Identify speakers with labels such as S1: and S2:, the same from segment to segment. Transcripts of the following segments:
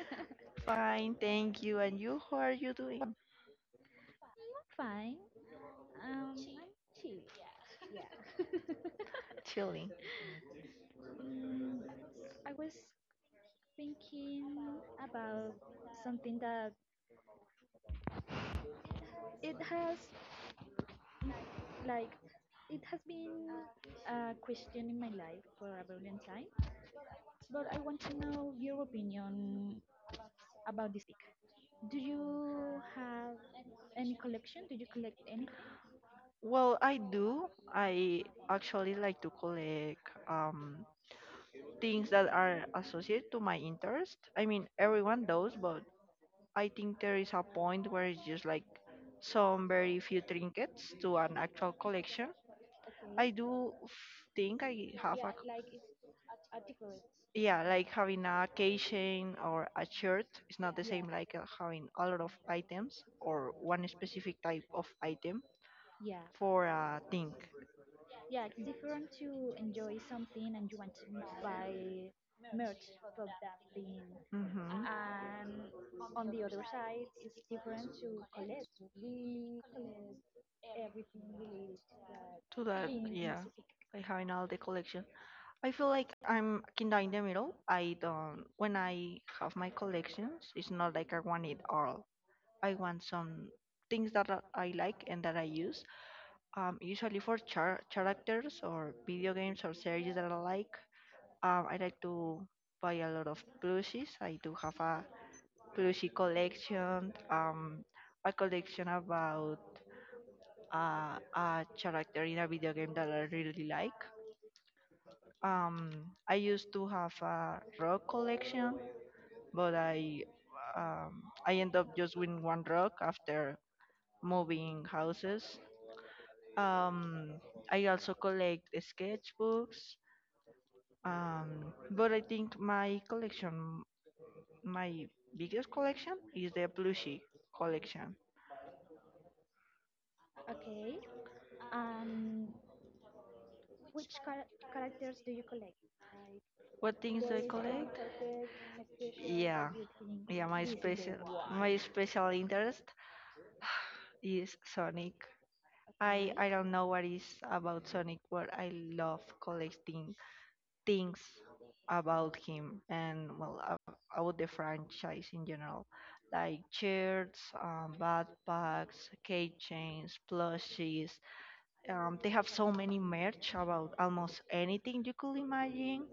S1: I'm
S2: Fine, thank you. And you, how are you doing?
S1: fine. I'm chill. Yeah.
S2: Chilling.
S1: mm, I was thinking about something that it has, mm, like, it has been a question in my life for a very long time, but I want to know your opinion about this topic. Do you have any collection? Do you collect anything?
S2: Well, I do. I actually like to collect things that are associated to my interest. I mean, everyone does, but I think there is a point where it's just like some very few trinkets to an actual collection. I
S1: Okay.
S2: do f- think I have
S1: Yeah,
S2: a
S1: like, it's a difference.
S2: yeah, like having a keychain or a shirt is not the
S1: Yeah,
S2: same like having a lot of items or one specific type of item
S1: yeah,
S2: for a thing.
S1: yeah. It's different to enjoy something and you want to buy merch for that thing.
S2: Hmm
S1: And on the other side, it's different to collect. We collect everything related to that
S2: To that,
S1: thing in
S2: yeah,
S1: specific.
S2: like having all the collection. I feel like I'm kinda in the middle. I don't. When I have my collections, it's not like I want it all. I want some things that I like and that I use. Usually for characters or video games or series that I like. I like to buy a lot of plushies. I do have a plushie collection. A collection about a character in a video game that I really like. I used to have a rock collection, but I end up just with one rock after moving houses. Um, I also collect sketchbooks. But I think my collection, my biggest collection is the plushie collection.
S1: Okay, and which characters do you collect? Like,
S2: What things
S1: there
S2: I
S1: is one
S2: collect?
S1: character in special that
S2: Yeah,
S1: you think
S2: yeah.
S1: this is the one.
S2: My special interest is Sonic. I
S1: Okay.
S2: I don't know what is about Sonic, but I love collecting things about him, and well about the franchise in general, like shirts, backpacks, keychains, plushies. They have so many merch about almost anything you could imagine,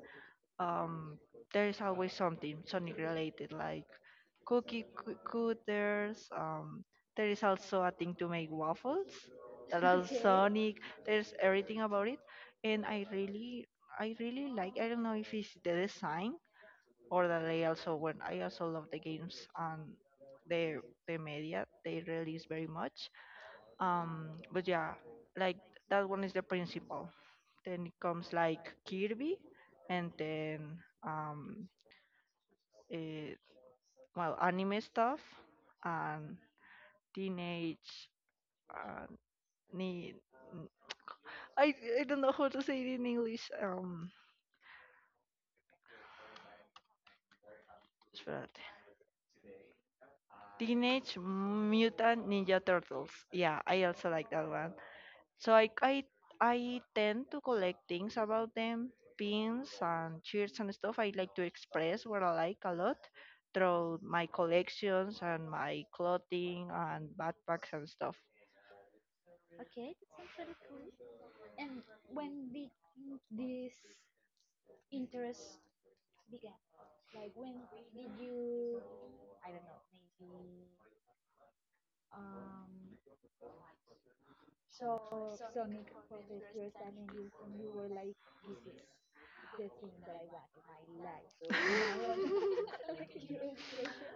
S2: um, there is always something Sonic related, like cookie cutters. There is also a thing to make waffles that are
S1: Okay,
S2: Sonic. There's everything about it, and I really like. I don't know if it's the design or that I also when I also love the games and the the media they release very much. But yeah, like that one is the principal, then it comes like Kirby, and then um, it, well, anime stuff and teenage. Uh, ni- I I don't know how to say it in English. Espérate. Teenage Mutant Ninja Turtles. Yeah, I also like that one. So I tend to collect things about them, pins and shirts and stuff. I like to express what I like a lot through my collections and my clothing and backpacks and stuff.
S1: okay, that sounds really cool. And when did this interest began? Like, when did you, I don't know, maybe um saw Sonic for the first time and you were like, this is the thing that I want in my life. From now on, like your obsession.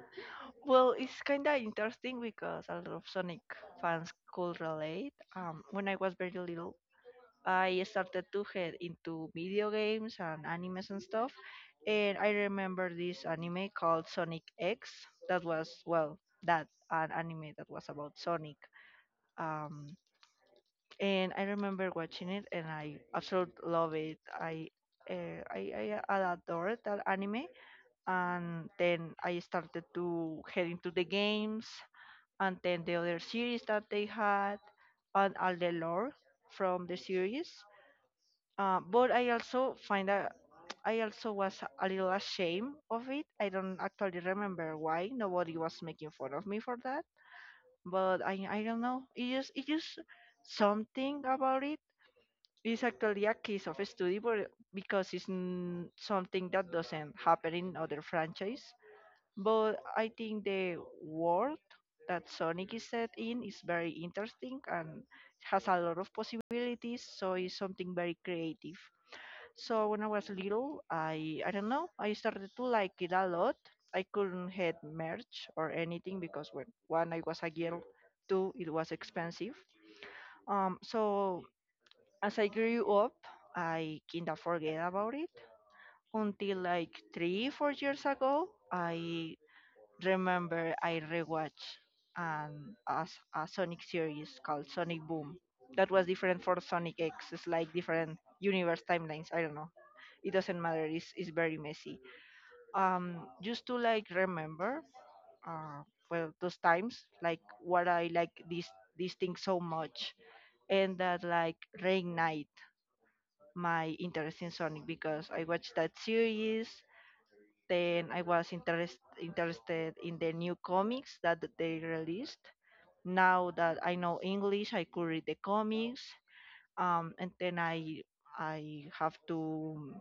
S2: Well, it's kind of interesting because a lot of Sonic fans could relate. When I was very little, I started to head into video games and animes and stuff, and I remember this anime called Sonic X. That was well, that an anime that was about Sonic. Um, and I remember watching it, and I absolutely love it. I adored that anime, and then I started to head into the games, and then the other series that they had, and all the lore from the series. But I also find a I also was a little ashamed of it. I don't actually remember why, nobody was making fun of me for that, but I don't know. It just something about it. It's actually a case of study, but because it's something that doesn't happen in other franchise. But I think the world that Sonic is set in is very interesting and has a lot of possibilities. So it's something very creative. So when I was little, I don't know, I started to like it a lot. I couldn't head merch or anything because when one I was a girl, two it was expensive. So as I grew up, I kinda forget about it until like 3 4 years ago. I remember I rewatched an as a Sonic series called Sonic Boom. That was different for Sonic X. It's like different universe timelines. I don't know, it doesn't matter, it's very messy, um just to like remember, uh well those times like what I like this thing so much, and that like reignite my interest in Sonic because I watched that series, then I was interested in the new comics that they released. Now that I know English, I could read the comics. And then I have to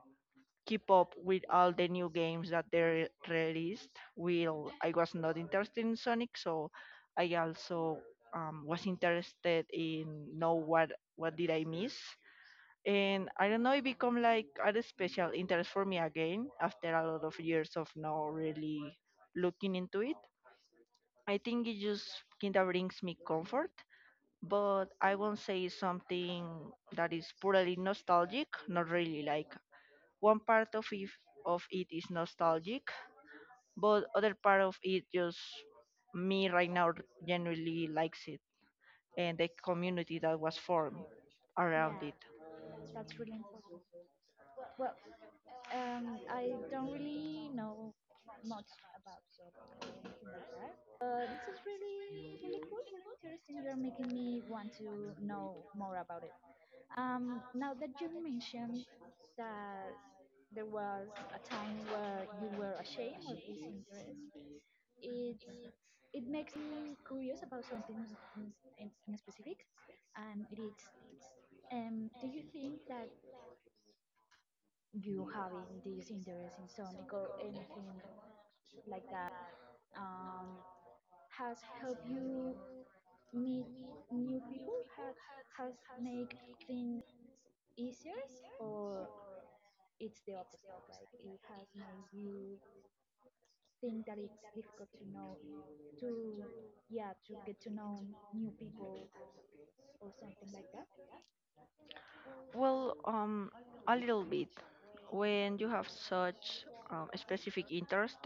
S2: keep up with all the new games that they released. Will I was not interested in Sonic, so I also was interested in know what did I miss. And I don't know, it become like a special interest for me again after a lot of years of not really looking into it. I think it just kinda brings me comfort, but I won't say something that is purely nostalgic. Not really, like one part of it is nostalgic, but other part of it just me right now genuinely likes it and the community that was formed around
S1: Yeah,
S2: it.
S1: that's really important. Well, I don't really know much about Zodiac or anything like that. But this is really, really cool, really interesting. You're making me want to know more about it. Now that you mentioned that there was a time where you were ashamed of this interest, it's it makes me curious about something in specific, and it's do you think that you having this interest in Sonic or anything like that um, has helped you meet new people, has make things easier, or it's the opposite, like it has made you think that it's difficult to know to, yeah, to get to know new people or something like that?
S2: Well, a little bit. When you have such specific interest,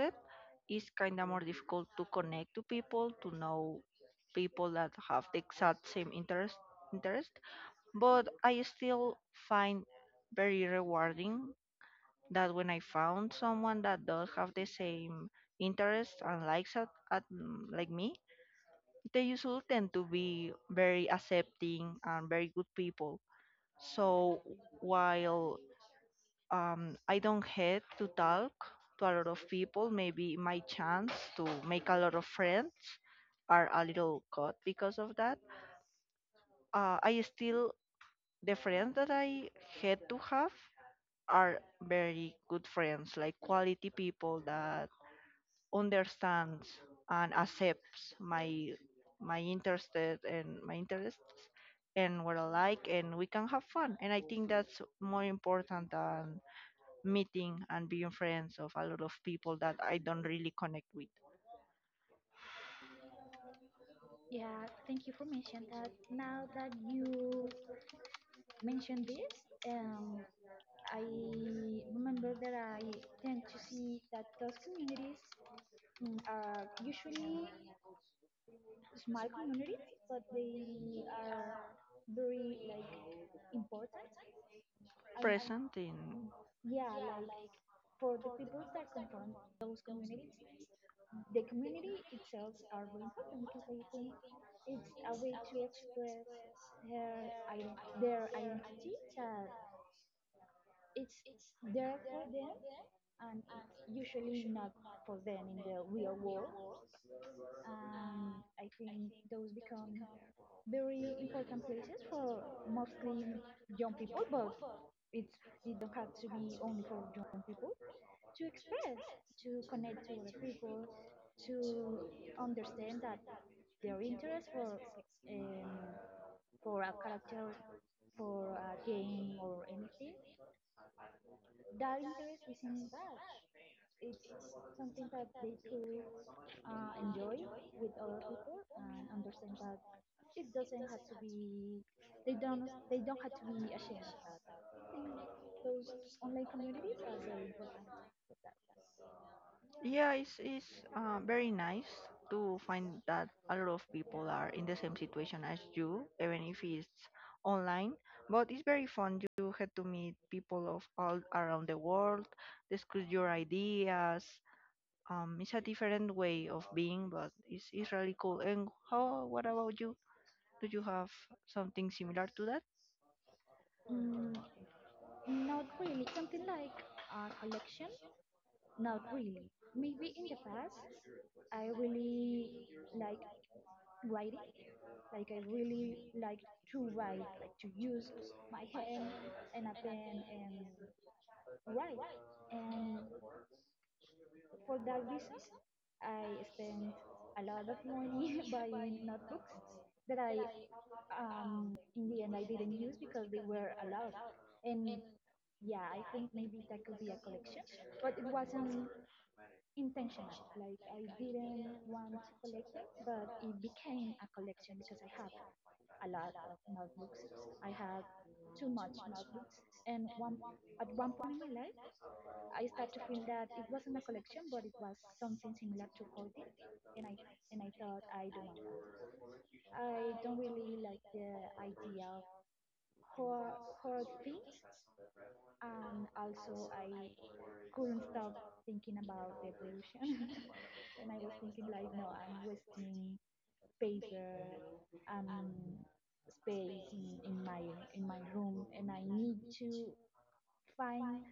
S2: it's kind of more difficult to connect to people, to know people that have the exact same interest, but I still find very rewarding that when I found someone that does have the same interests and likes at like me, they usually tend to be very accepting and very good people. So while I don't hate to talk to a lot of people, maybe my chance to make a lot of friends are a little cut because of that. I still the friends that I had to have are very good friends, like quality people that understands and accepts my my interested and my interests and what I like, and we can have fun. And I think that's more important than meeting and being friends of a lot of people that I don't really connect with.
S1: Yeah, thank you for mentioning that. Now that you mentioned this, I remember that I tend to see that those communities are usually small communities, but they are very, like, important. And
S2: Present in
S1: yeah, like, for the people that come from those communities, the community itself are very important, because I think it's a way to express their identity that it's there for them and it's usually not for them in the real world. And I think those become very important places for mostly young people, but it's it don't have to be only for young people to express, to connect to other people, to understand that their interest um, for a character, for a game or anything, that interest is in that. It's something that they could enjoy with other people and understand that it doesn't have to be they don't have to be ashamed of that. I think those online communities are very important for that.
S2: yeah, it's very nice to find that a lot of people are in the same situation as you, even if it's online. But it's very fun. You had to meet people of all around the world, discuss your ideas. It's a different way of being, but it's really cool. And how? What about you? Do you have something similar to that?
S1: Mm, not really. Something like a collection? Not really. Maybe in the past, I really like writing. Like, I really like to write, like to use my hand and a pen and write. And for that reason, I spent a lot of money buying notebooks that in the end, I didn't use because they were a lot. And yeah, I think maybe that could be a collection, but it wasn't intentional. Like, I didn't want to collect them, but it became a collection because I have a lot of notebooks. I have too much notebooks, and one at one point in my life, I start to feel that it wasn't a collection, but it was something similar to coding, and I and I thought, I don't want that. I don't really like the idea of horror, horror things, and also I couldn't stop thinking about the pollution, and I was thinking like, no, I'm wasting paper and space in my room, and I need to find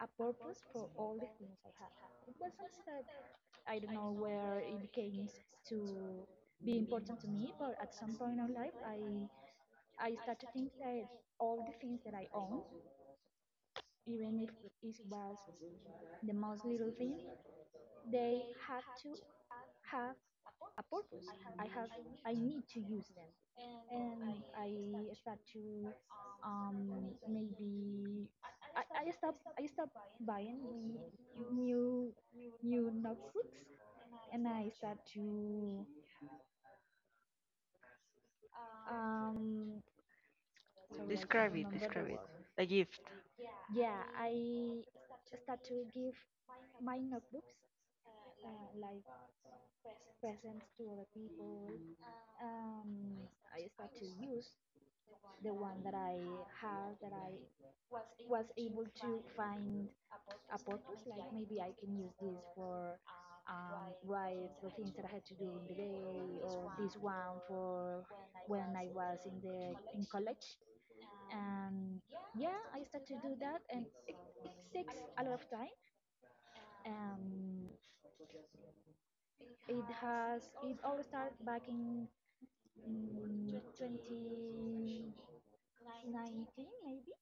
S1: a purpose for all the things I have. It was something that I don't know where it became to be important to me, but at some point in life, I start to think that all the things that I own, even if it was the most little thing, they had to have a purpose. I need to use them, and I start to maybe I stop buying the new new notebooks, and I start to, um, sorry, I can't
S2: Describe it.
S1: remember the
S2: Describe it.
S1: word.
S2: A gift.
S1: Yeah, I start to give my notebooks like presents to other people. Um, I start to use the one that I have that I was able to find a purpose. Like, maybe I can use this for write the things that I had to do in the day, or this one for when I was in the in college. Um, yeah, I start to do that, and it takes a lot of time. Um, it has it all started back in 2019 maybe,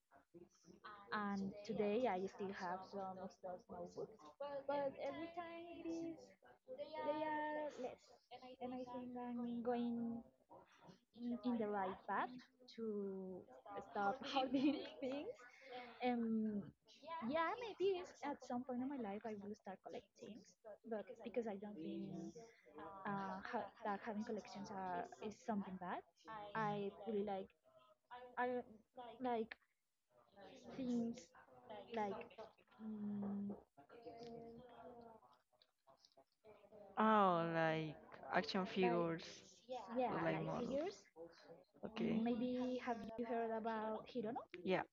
S1: and today I still have some of those notebooks, but every time it is they are less, and I think I'm going, in the right path to stop hoarding things. Um, yeah, maybe it's at some point in my life I will start collecting, but because I don't think that having collections are is something bad. I really I like things, like, mm,
S2: Oh, like action
S1: like,
S2: figures, or
S1: yeah,
S2: like
S1: like
S2: models.
S1: figures.
S2: Okay.
S1: Maybe, have you heard about Hirono?
S2: Yeah,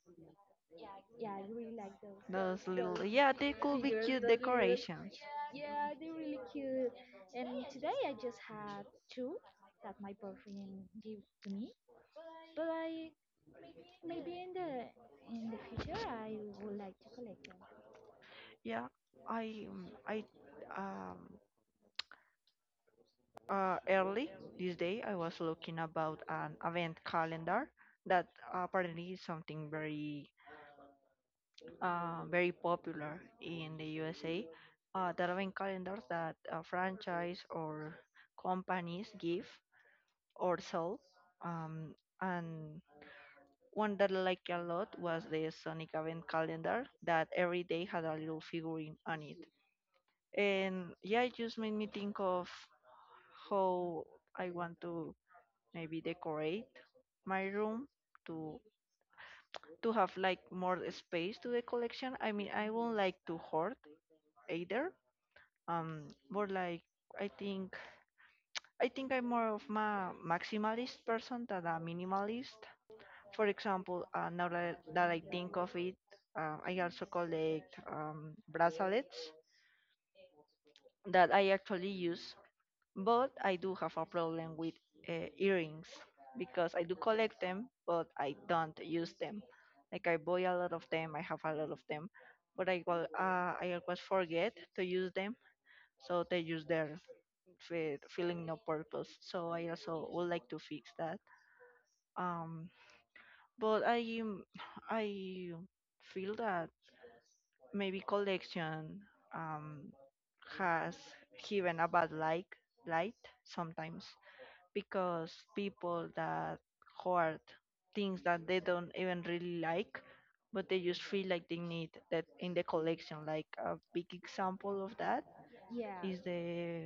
S1: Yeah, I really like those
S2: those little.
S1: those
S2: Yeah, they could be
S1: figures,
S2: cute
S1: those little.
S2: decorations.
S1: Yeah, they're really cute. And today I just had two that my boyfriend gave to me, but I maybe in the future I would like to collect them.
S2: Yeah, I um early this day I was looking about an event calendar that apparently is something very very popular in the USA. The event calendars that a franchise or companies give or sell. Um, and one that I liked a lot was the Sonic event calendar that every day had a little figurine on it. And yeah, it just made me think of how I want to maybe decorate my room to have like more space to the collection. I mean, I won't like to hoard either. More like I think I think I'm more of a maximalist person than a minimalist. For example, now that I think of it, I also collect bracelets that I actually use, but I do have a problem with earrings because I do collect them, but I don't use them. Like I buy a lot of them, I have a lot of them, but I will, I always forget to use them, so they use their feeling no purpose. So I also would like to fix that. Um, but I feel that maybe collection um, has given a bad light sometimes because people that hoard things that they don't even really like but they just feel like they need that in the collection, like a big example of that
S1: Yeah,
S2: is the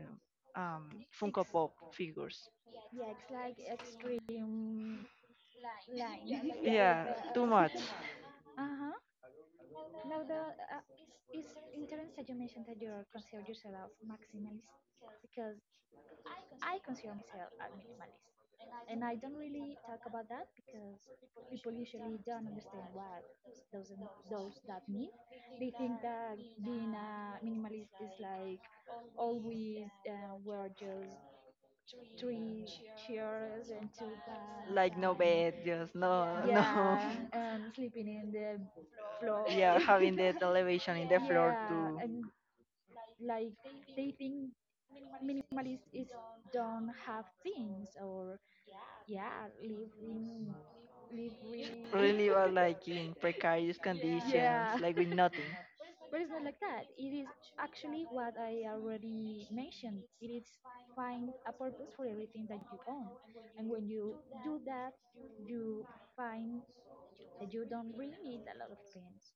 S2: um, funko
S1: it's,
S2: pop figures.
S1: yeah, it's like extreme line. Yeah, like,
S2: Yeah, too much,
S1: uh huh. Now, the it's interesting that you mentioned that you consider yourself maximalist, because I consider myself a minimalist. And I don't really talk about that because people usually don't understand what those those that mean. They think that being a minimalist is like always wear just three chairs and two pants,
S2: like no
S1: and
S2: bed, just no, no.
S1: yeah, and sleeping in the floor.
S2: Yeah. Having the television in the floor
S1: Yeah,
S2: to
S1: and like, they think minimalist is don't have things, or yeah, live in live really.
S2: really was like in precarious conditions,
S1: Yeah,
S2: like with nothing.
S1: but it's not like that. It is actually what I already mentioned. It is find a purpose for everything that you own, and when you do that you find that you don't really need a lot of things,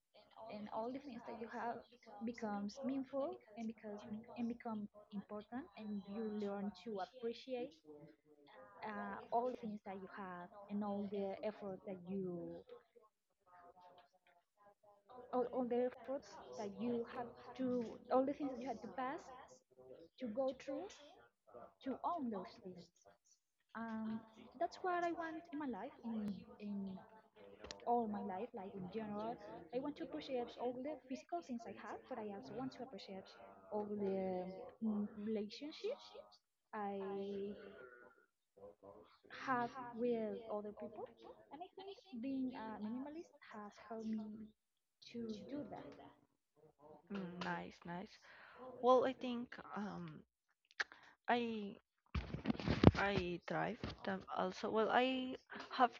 S1: and all the things that you have becomes meaningful and, because, and become important, and you learn to appreciate all the things that you have and all the effort that all the efforts that you have to all the things that you had to go through to own those things. um, that's what I want in my life, in all my life, like, in general, I want to appreciate all the physical things I have, but I also want to appreciate all the relationships I have with other people. And I think being a minimalist has helped me to do that.
S2: Mm, nice, nice. Well, I think um I I drive them also. Well, I have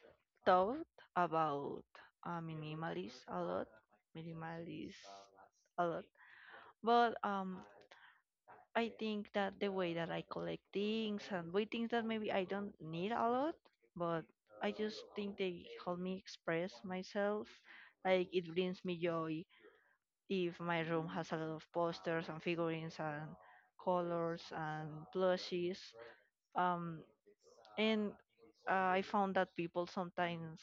S2: thought about uh, minimalist a lot minimalist a lot, but I think that the way that I collect things and buy things that maybe I don't need a lot, but I just think they help me express myself. Like it brings me joy if my room has a lot of posters and figurines and colors and plushies. Um, and I found that people sometimes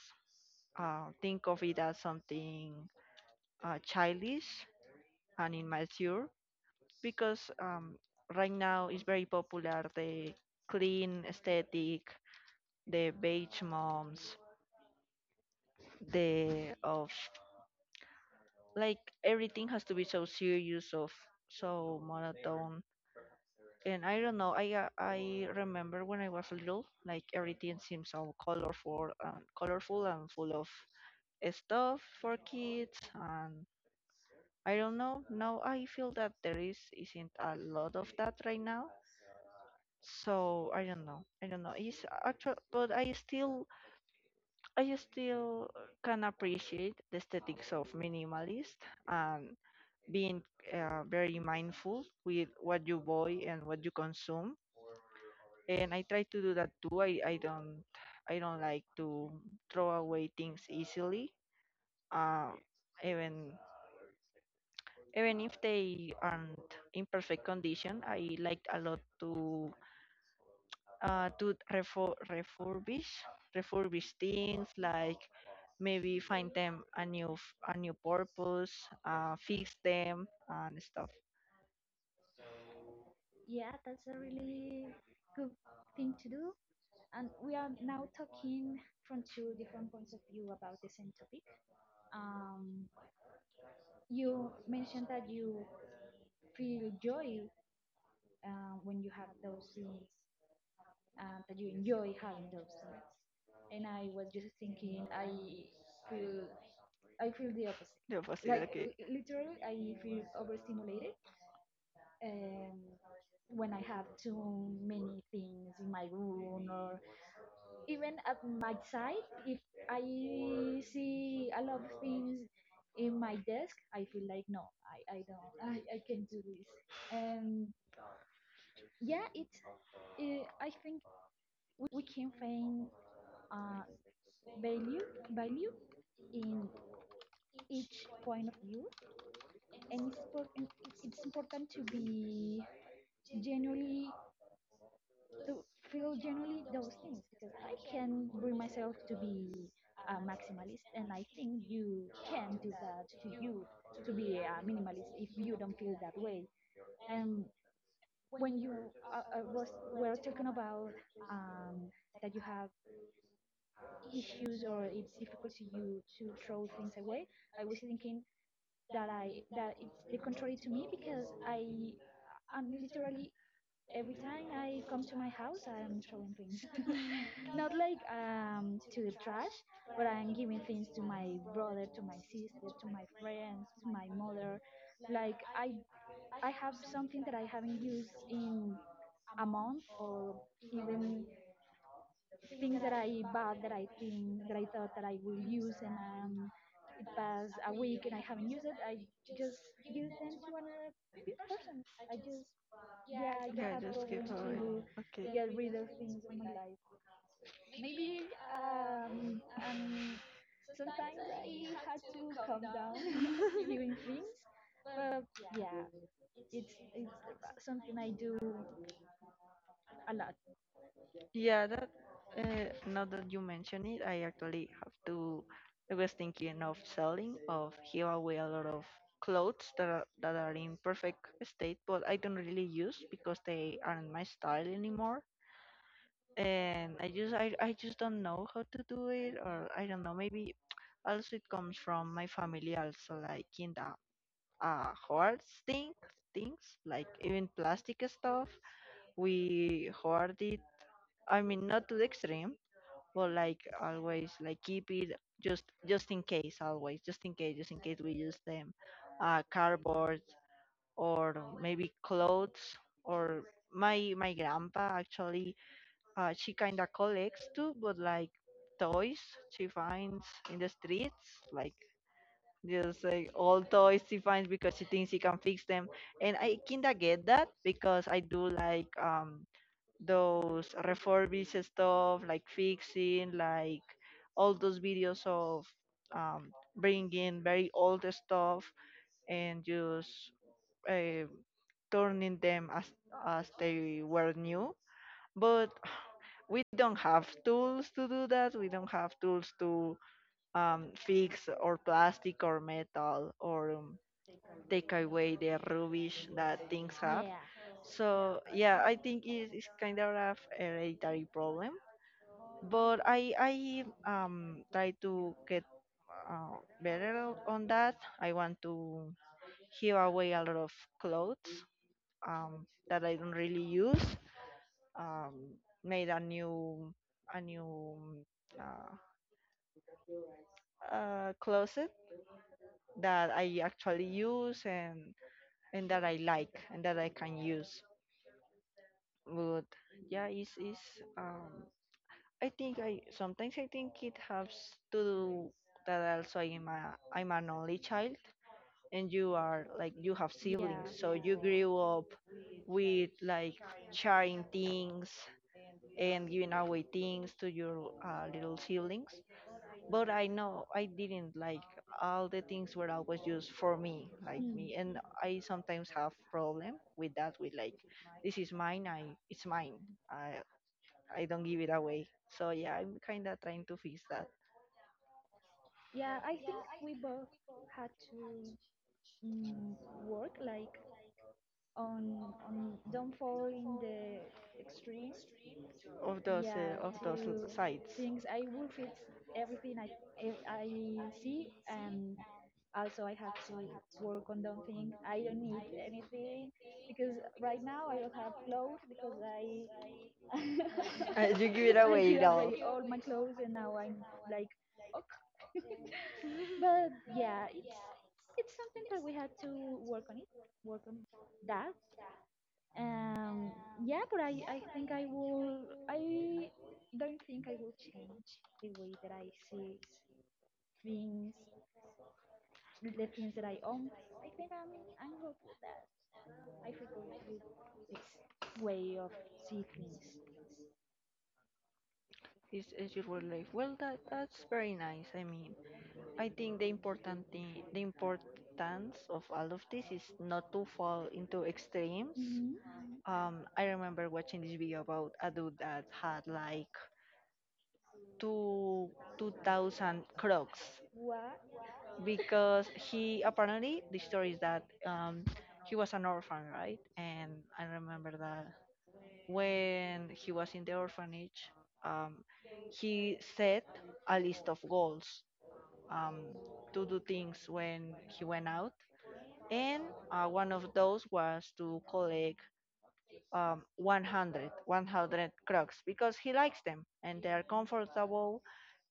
S2: think of it as something childish and immature, because right now it's very popular the clean aesthetic, the beige moms, the of like everything has to be so serious of so monotone, and I don't know. I remember when I was little, like everything seemed so colorful, and colorful and full of stuff for kids, and I don't know. Now I feel that there is isn't a lot of that right now. So I don't know. I don't know. It's actual, but I still can appreciate the aesthetics of minimalist and being very mindful with what you buy and what you consume. And I try to do that too. I don't like to throw away things easily. Uh, even. Even if they aren't in perfect condition. I like a lot to refurbish things, like maybe find them a new purpose, fix them and stuff.
S1: Yeah, that's a really good thing to do. And we are now talking from two different points of view about the same topic. Um, you mentioned that you feel joy when you have those things, that you enjoy having those things. And I was just thinking, I feel, I feel the opposite.
S2: The opposite,
S1: Like,
S2: okay.
S1: literally, I feel overstimulated um, when I have too many things in my room, or even at my side. If I see a lot of things in my desk, I feel like, no, I don't, I can't do this. And yeah, it's. I think we can find uh, value in each point of view, and it's, and it's important to be genuinely, to feel genuinely those things, because I can bring myself to be a maximalist, and I think you can do that to you, to be a minimalist if you don't feel that way. And when you, was were talking about, um, that you have issues, or it's difficult to you to throw things away, I was thinking that it's the contrary to me, because I'm literally, every time I come to my house, I'm throwing things. Not like, to the trash, but I'm giving things to my brother, to my sister, to my friend, to my mother. Like, I have something that I haven't used in a month, or even things that I bought that I think that I thought that I will use, and it passed a week and I haven't used it. I just give them to another person. I just Yeah, I don't
S2: Yeah,
S1: have
S2: just give
S1: problem
S2: away.
S1: to get rid of things in my life. Maybe sometimes I had to calm down
S2: Okay.
S1: giving things, but yeah, it's something I do a lot.
S2: Yeah, that now that you mention it, I actually have to. I was thinking of selling, of give away a lot of clothes that are in perfect state, but I don't really use because they aren't my style anymore. And I just don't know how to do it, or I don't know. Maybe also it comes from my family also, like in the hoards things, like even plastic stuff we hoard it. I mean, not to the extreme, but like always like keep it just in case, always just in case, just in case we use them, cardboard or maybe clothes. Or my grandpa actually, she kind of collects too, but like toys she finds in the streets, like just like all toys she finds because she thinks she can fix them. And I kinda get that because I do like those refurbished stuff, like fixing, like all those videos of um, bringing very old stuff and just uh, turning them as they were new. But we don't have tools to do that. We don't have tools to fix or plastic or metal or take away the rubbish that things have.
S1: Yeah,
S2: So yeah, I think it is kind of a hereditary problem, but I try to get better on that. I want to give away a lot of clothes that I don't really use. Um, Made a new uh, closet that I actually use and that I like and that I can use. But yeah, it's um, I think I sometimes I think it has to do that also. I'm an only child, and you are, like you have
S1: yeah.
S2: siblings, so you grew up with like sharing things and giving away things to your little siblings. But I know I didn't, like all the things were always used for me, like
S1: Hmm.
S2: me. And I sometimes have problem with that, with like this is mine. I it's mine. I I don't give it away. So yeah, I'm kind of trying to fix that
S1: Yeah. I think we both had to, mm, work, like, on don't fall in the extreme.
S2: of those uh,
S1: Yeah,
S2: of those l-
S1: to
S2: sides.
S1: things I will fit everything I see, and also I have to work on that thing, I don't need anything, because right now I don't have clothes because I
S2: You give it
S1: I
S2: away it
S1: give
S2: all.
S1: away all my clothes, and now I'm like, okay, but yeah, it's something that we had to work on it, work on that. um, yeah, but I think I don't think I will change the way that I see things, the things that I own. I think I'm good with that. I feel good with this way of see things.
S2: Is your word life? Well, that's very nice. I mean, I think the important thing, the importance of all of this, is not to fall into extremes.
S1: Hmm.
S2: I remember watching this video about a dude that had like two 2000 crocs,
S1: What?
S2: because he apparently the story is that he was an orphan, right? And I remember that when he was in the orphanage, um, he set a list of goals, um, to do things when he went out, and one of those was to collect 100 crocs, because he likes them and they are comfortable,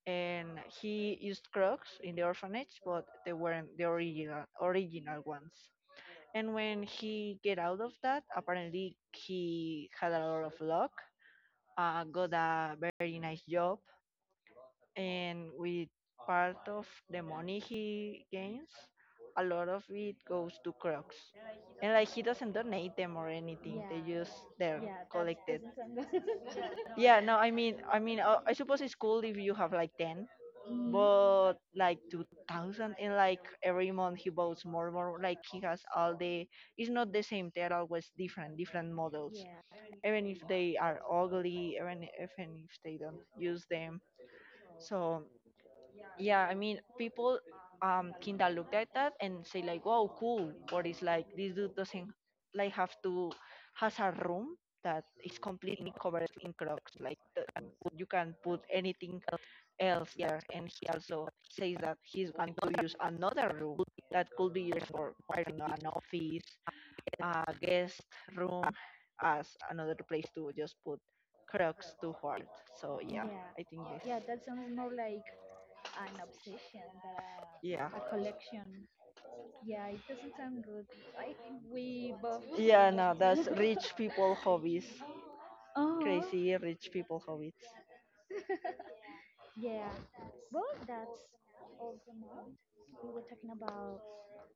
S2: and he used Crocs in the orphanage, but they weren't the original ones. And when he get out of that, apparently he had a lot of luck, got a very nice job, and with part of the money he gains, a lot of it goes to Crocs. And like he doesn't donate them or anything; they just
S1: Yeah,
S2: they're
S1: yeah, that
S2: collected.
S1: doesn't sound good.
S2: Yeah, no, I mean, I suppose it's cool if you have like 10,
S1: Mhm.
S2: but like 2000, and like every month he builds more and more. Like, he has all the, it's not the same, they're always different models,
S1: Yeah.
S2: even if they are ugly, even if, and if they don't use them. So yeah, I mean, people kinda looked at that and say like, wow, cool. Or it's like, this dude doesn't like have to has a room that is completely covered in Crocs, like you can put anything else there, and he also says that he's going to use another room that could be used for, I don't know, an office, a guest room, as another place to just put Crocs too. Hard. So yeah,
S1: Yeah,
S2: I think this,
S1: yeah, that sounds more like an obsession than
S2: yeah.
S1: a collection. Yeah, it doesn't sound good. I think we both doesn't
S2: Yeah,
S1: want
S2: no, that's
S1: to.
S2: rich people hobbies.
S1: Uh-huh.
S2: Crazy rich people hobbies.
S1: Yeah. Well, that's all for now. We were talking about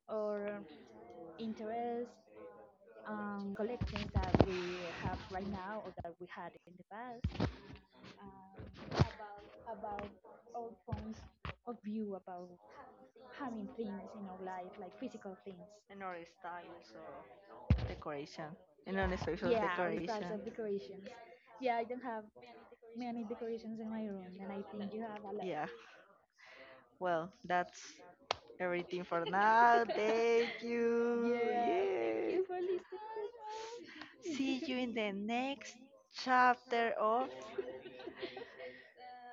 S1: our interest, the collections that we have right now or that we had in the past, um, about our points of view about having things in our life, like physical things.
S2: And our styles or decoration. And on special
S1: Yeah, or styles
S2: decoration.
S1: of decorations. Yeah, I don't have many decorations in my room, and I think you have a lot.
S2: Yeah. Well, that's everything for now. Thank you.
S1: Yeah, thank
S2: Yeah.
S1: you for listening to us.
S2: See you in the next chapter of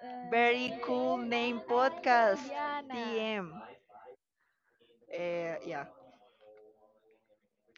S2: Very Cool
S1: Michelle
S2: Name
S1: and
S2: Podcast.
S1: Diana.
S2: TM. Yeah.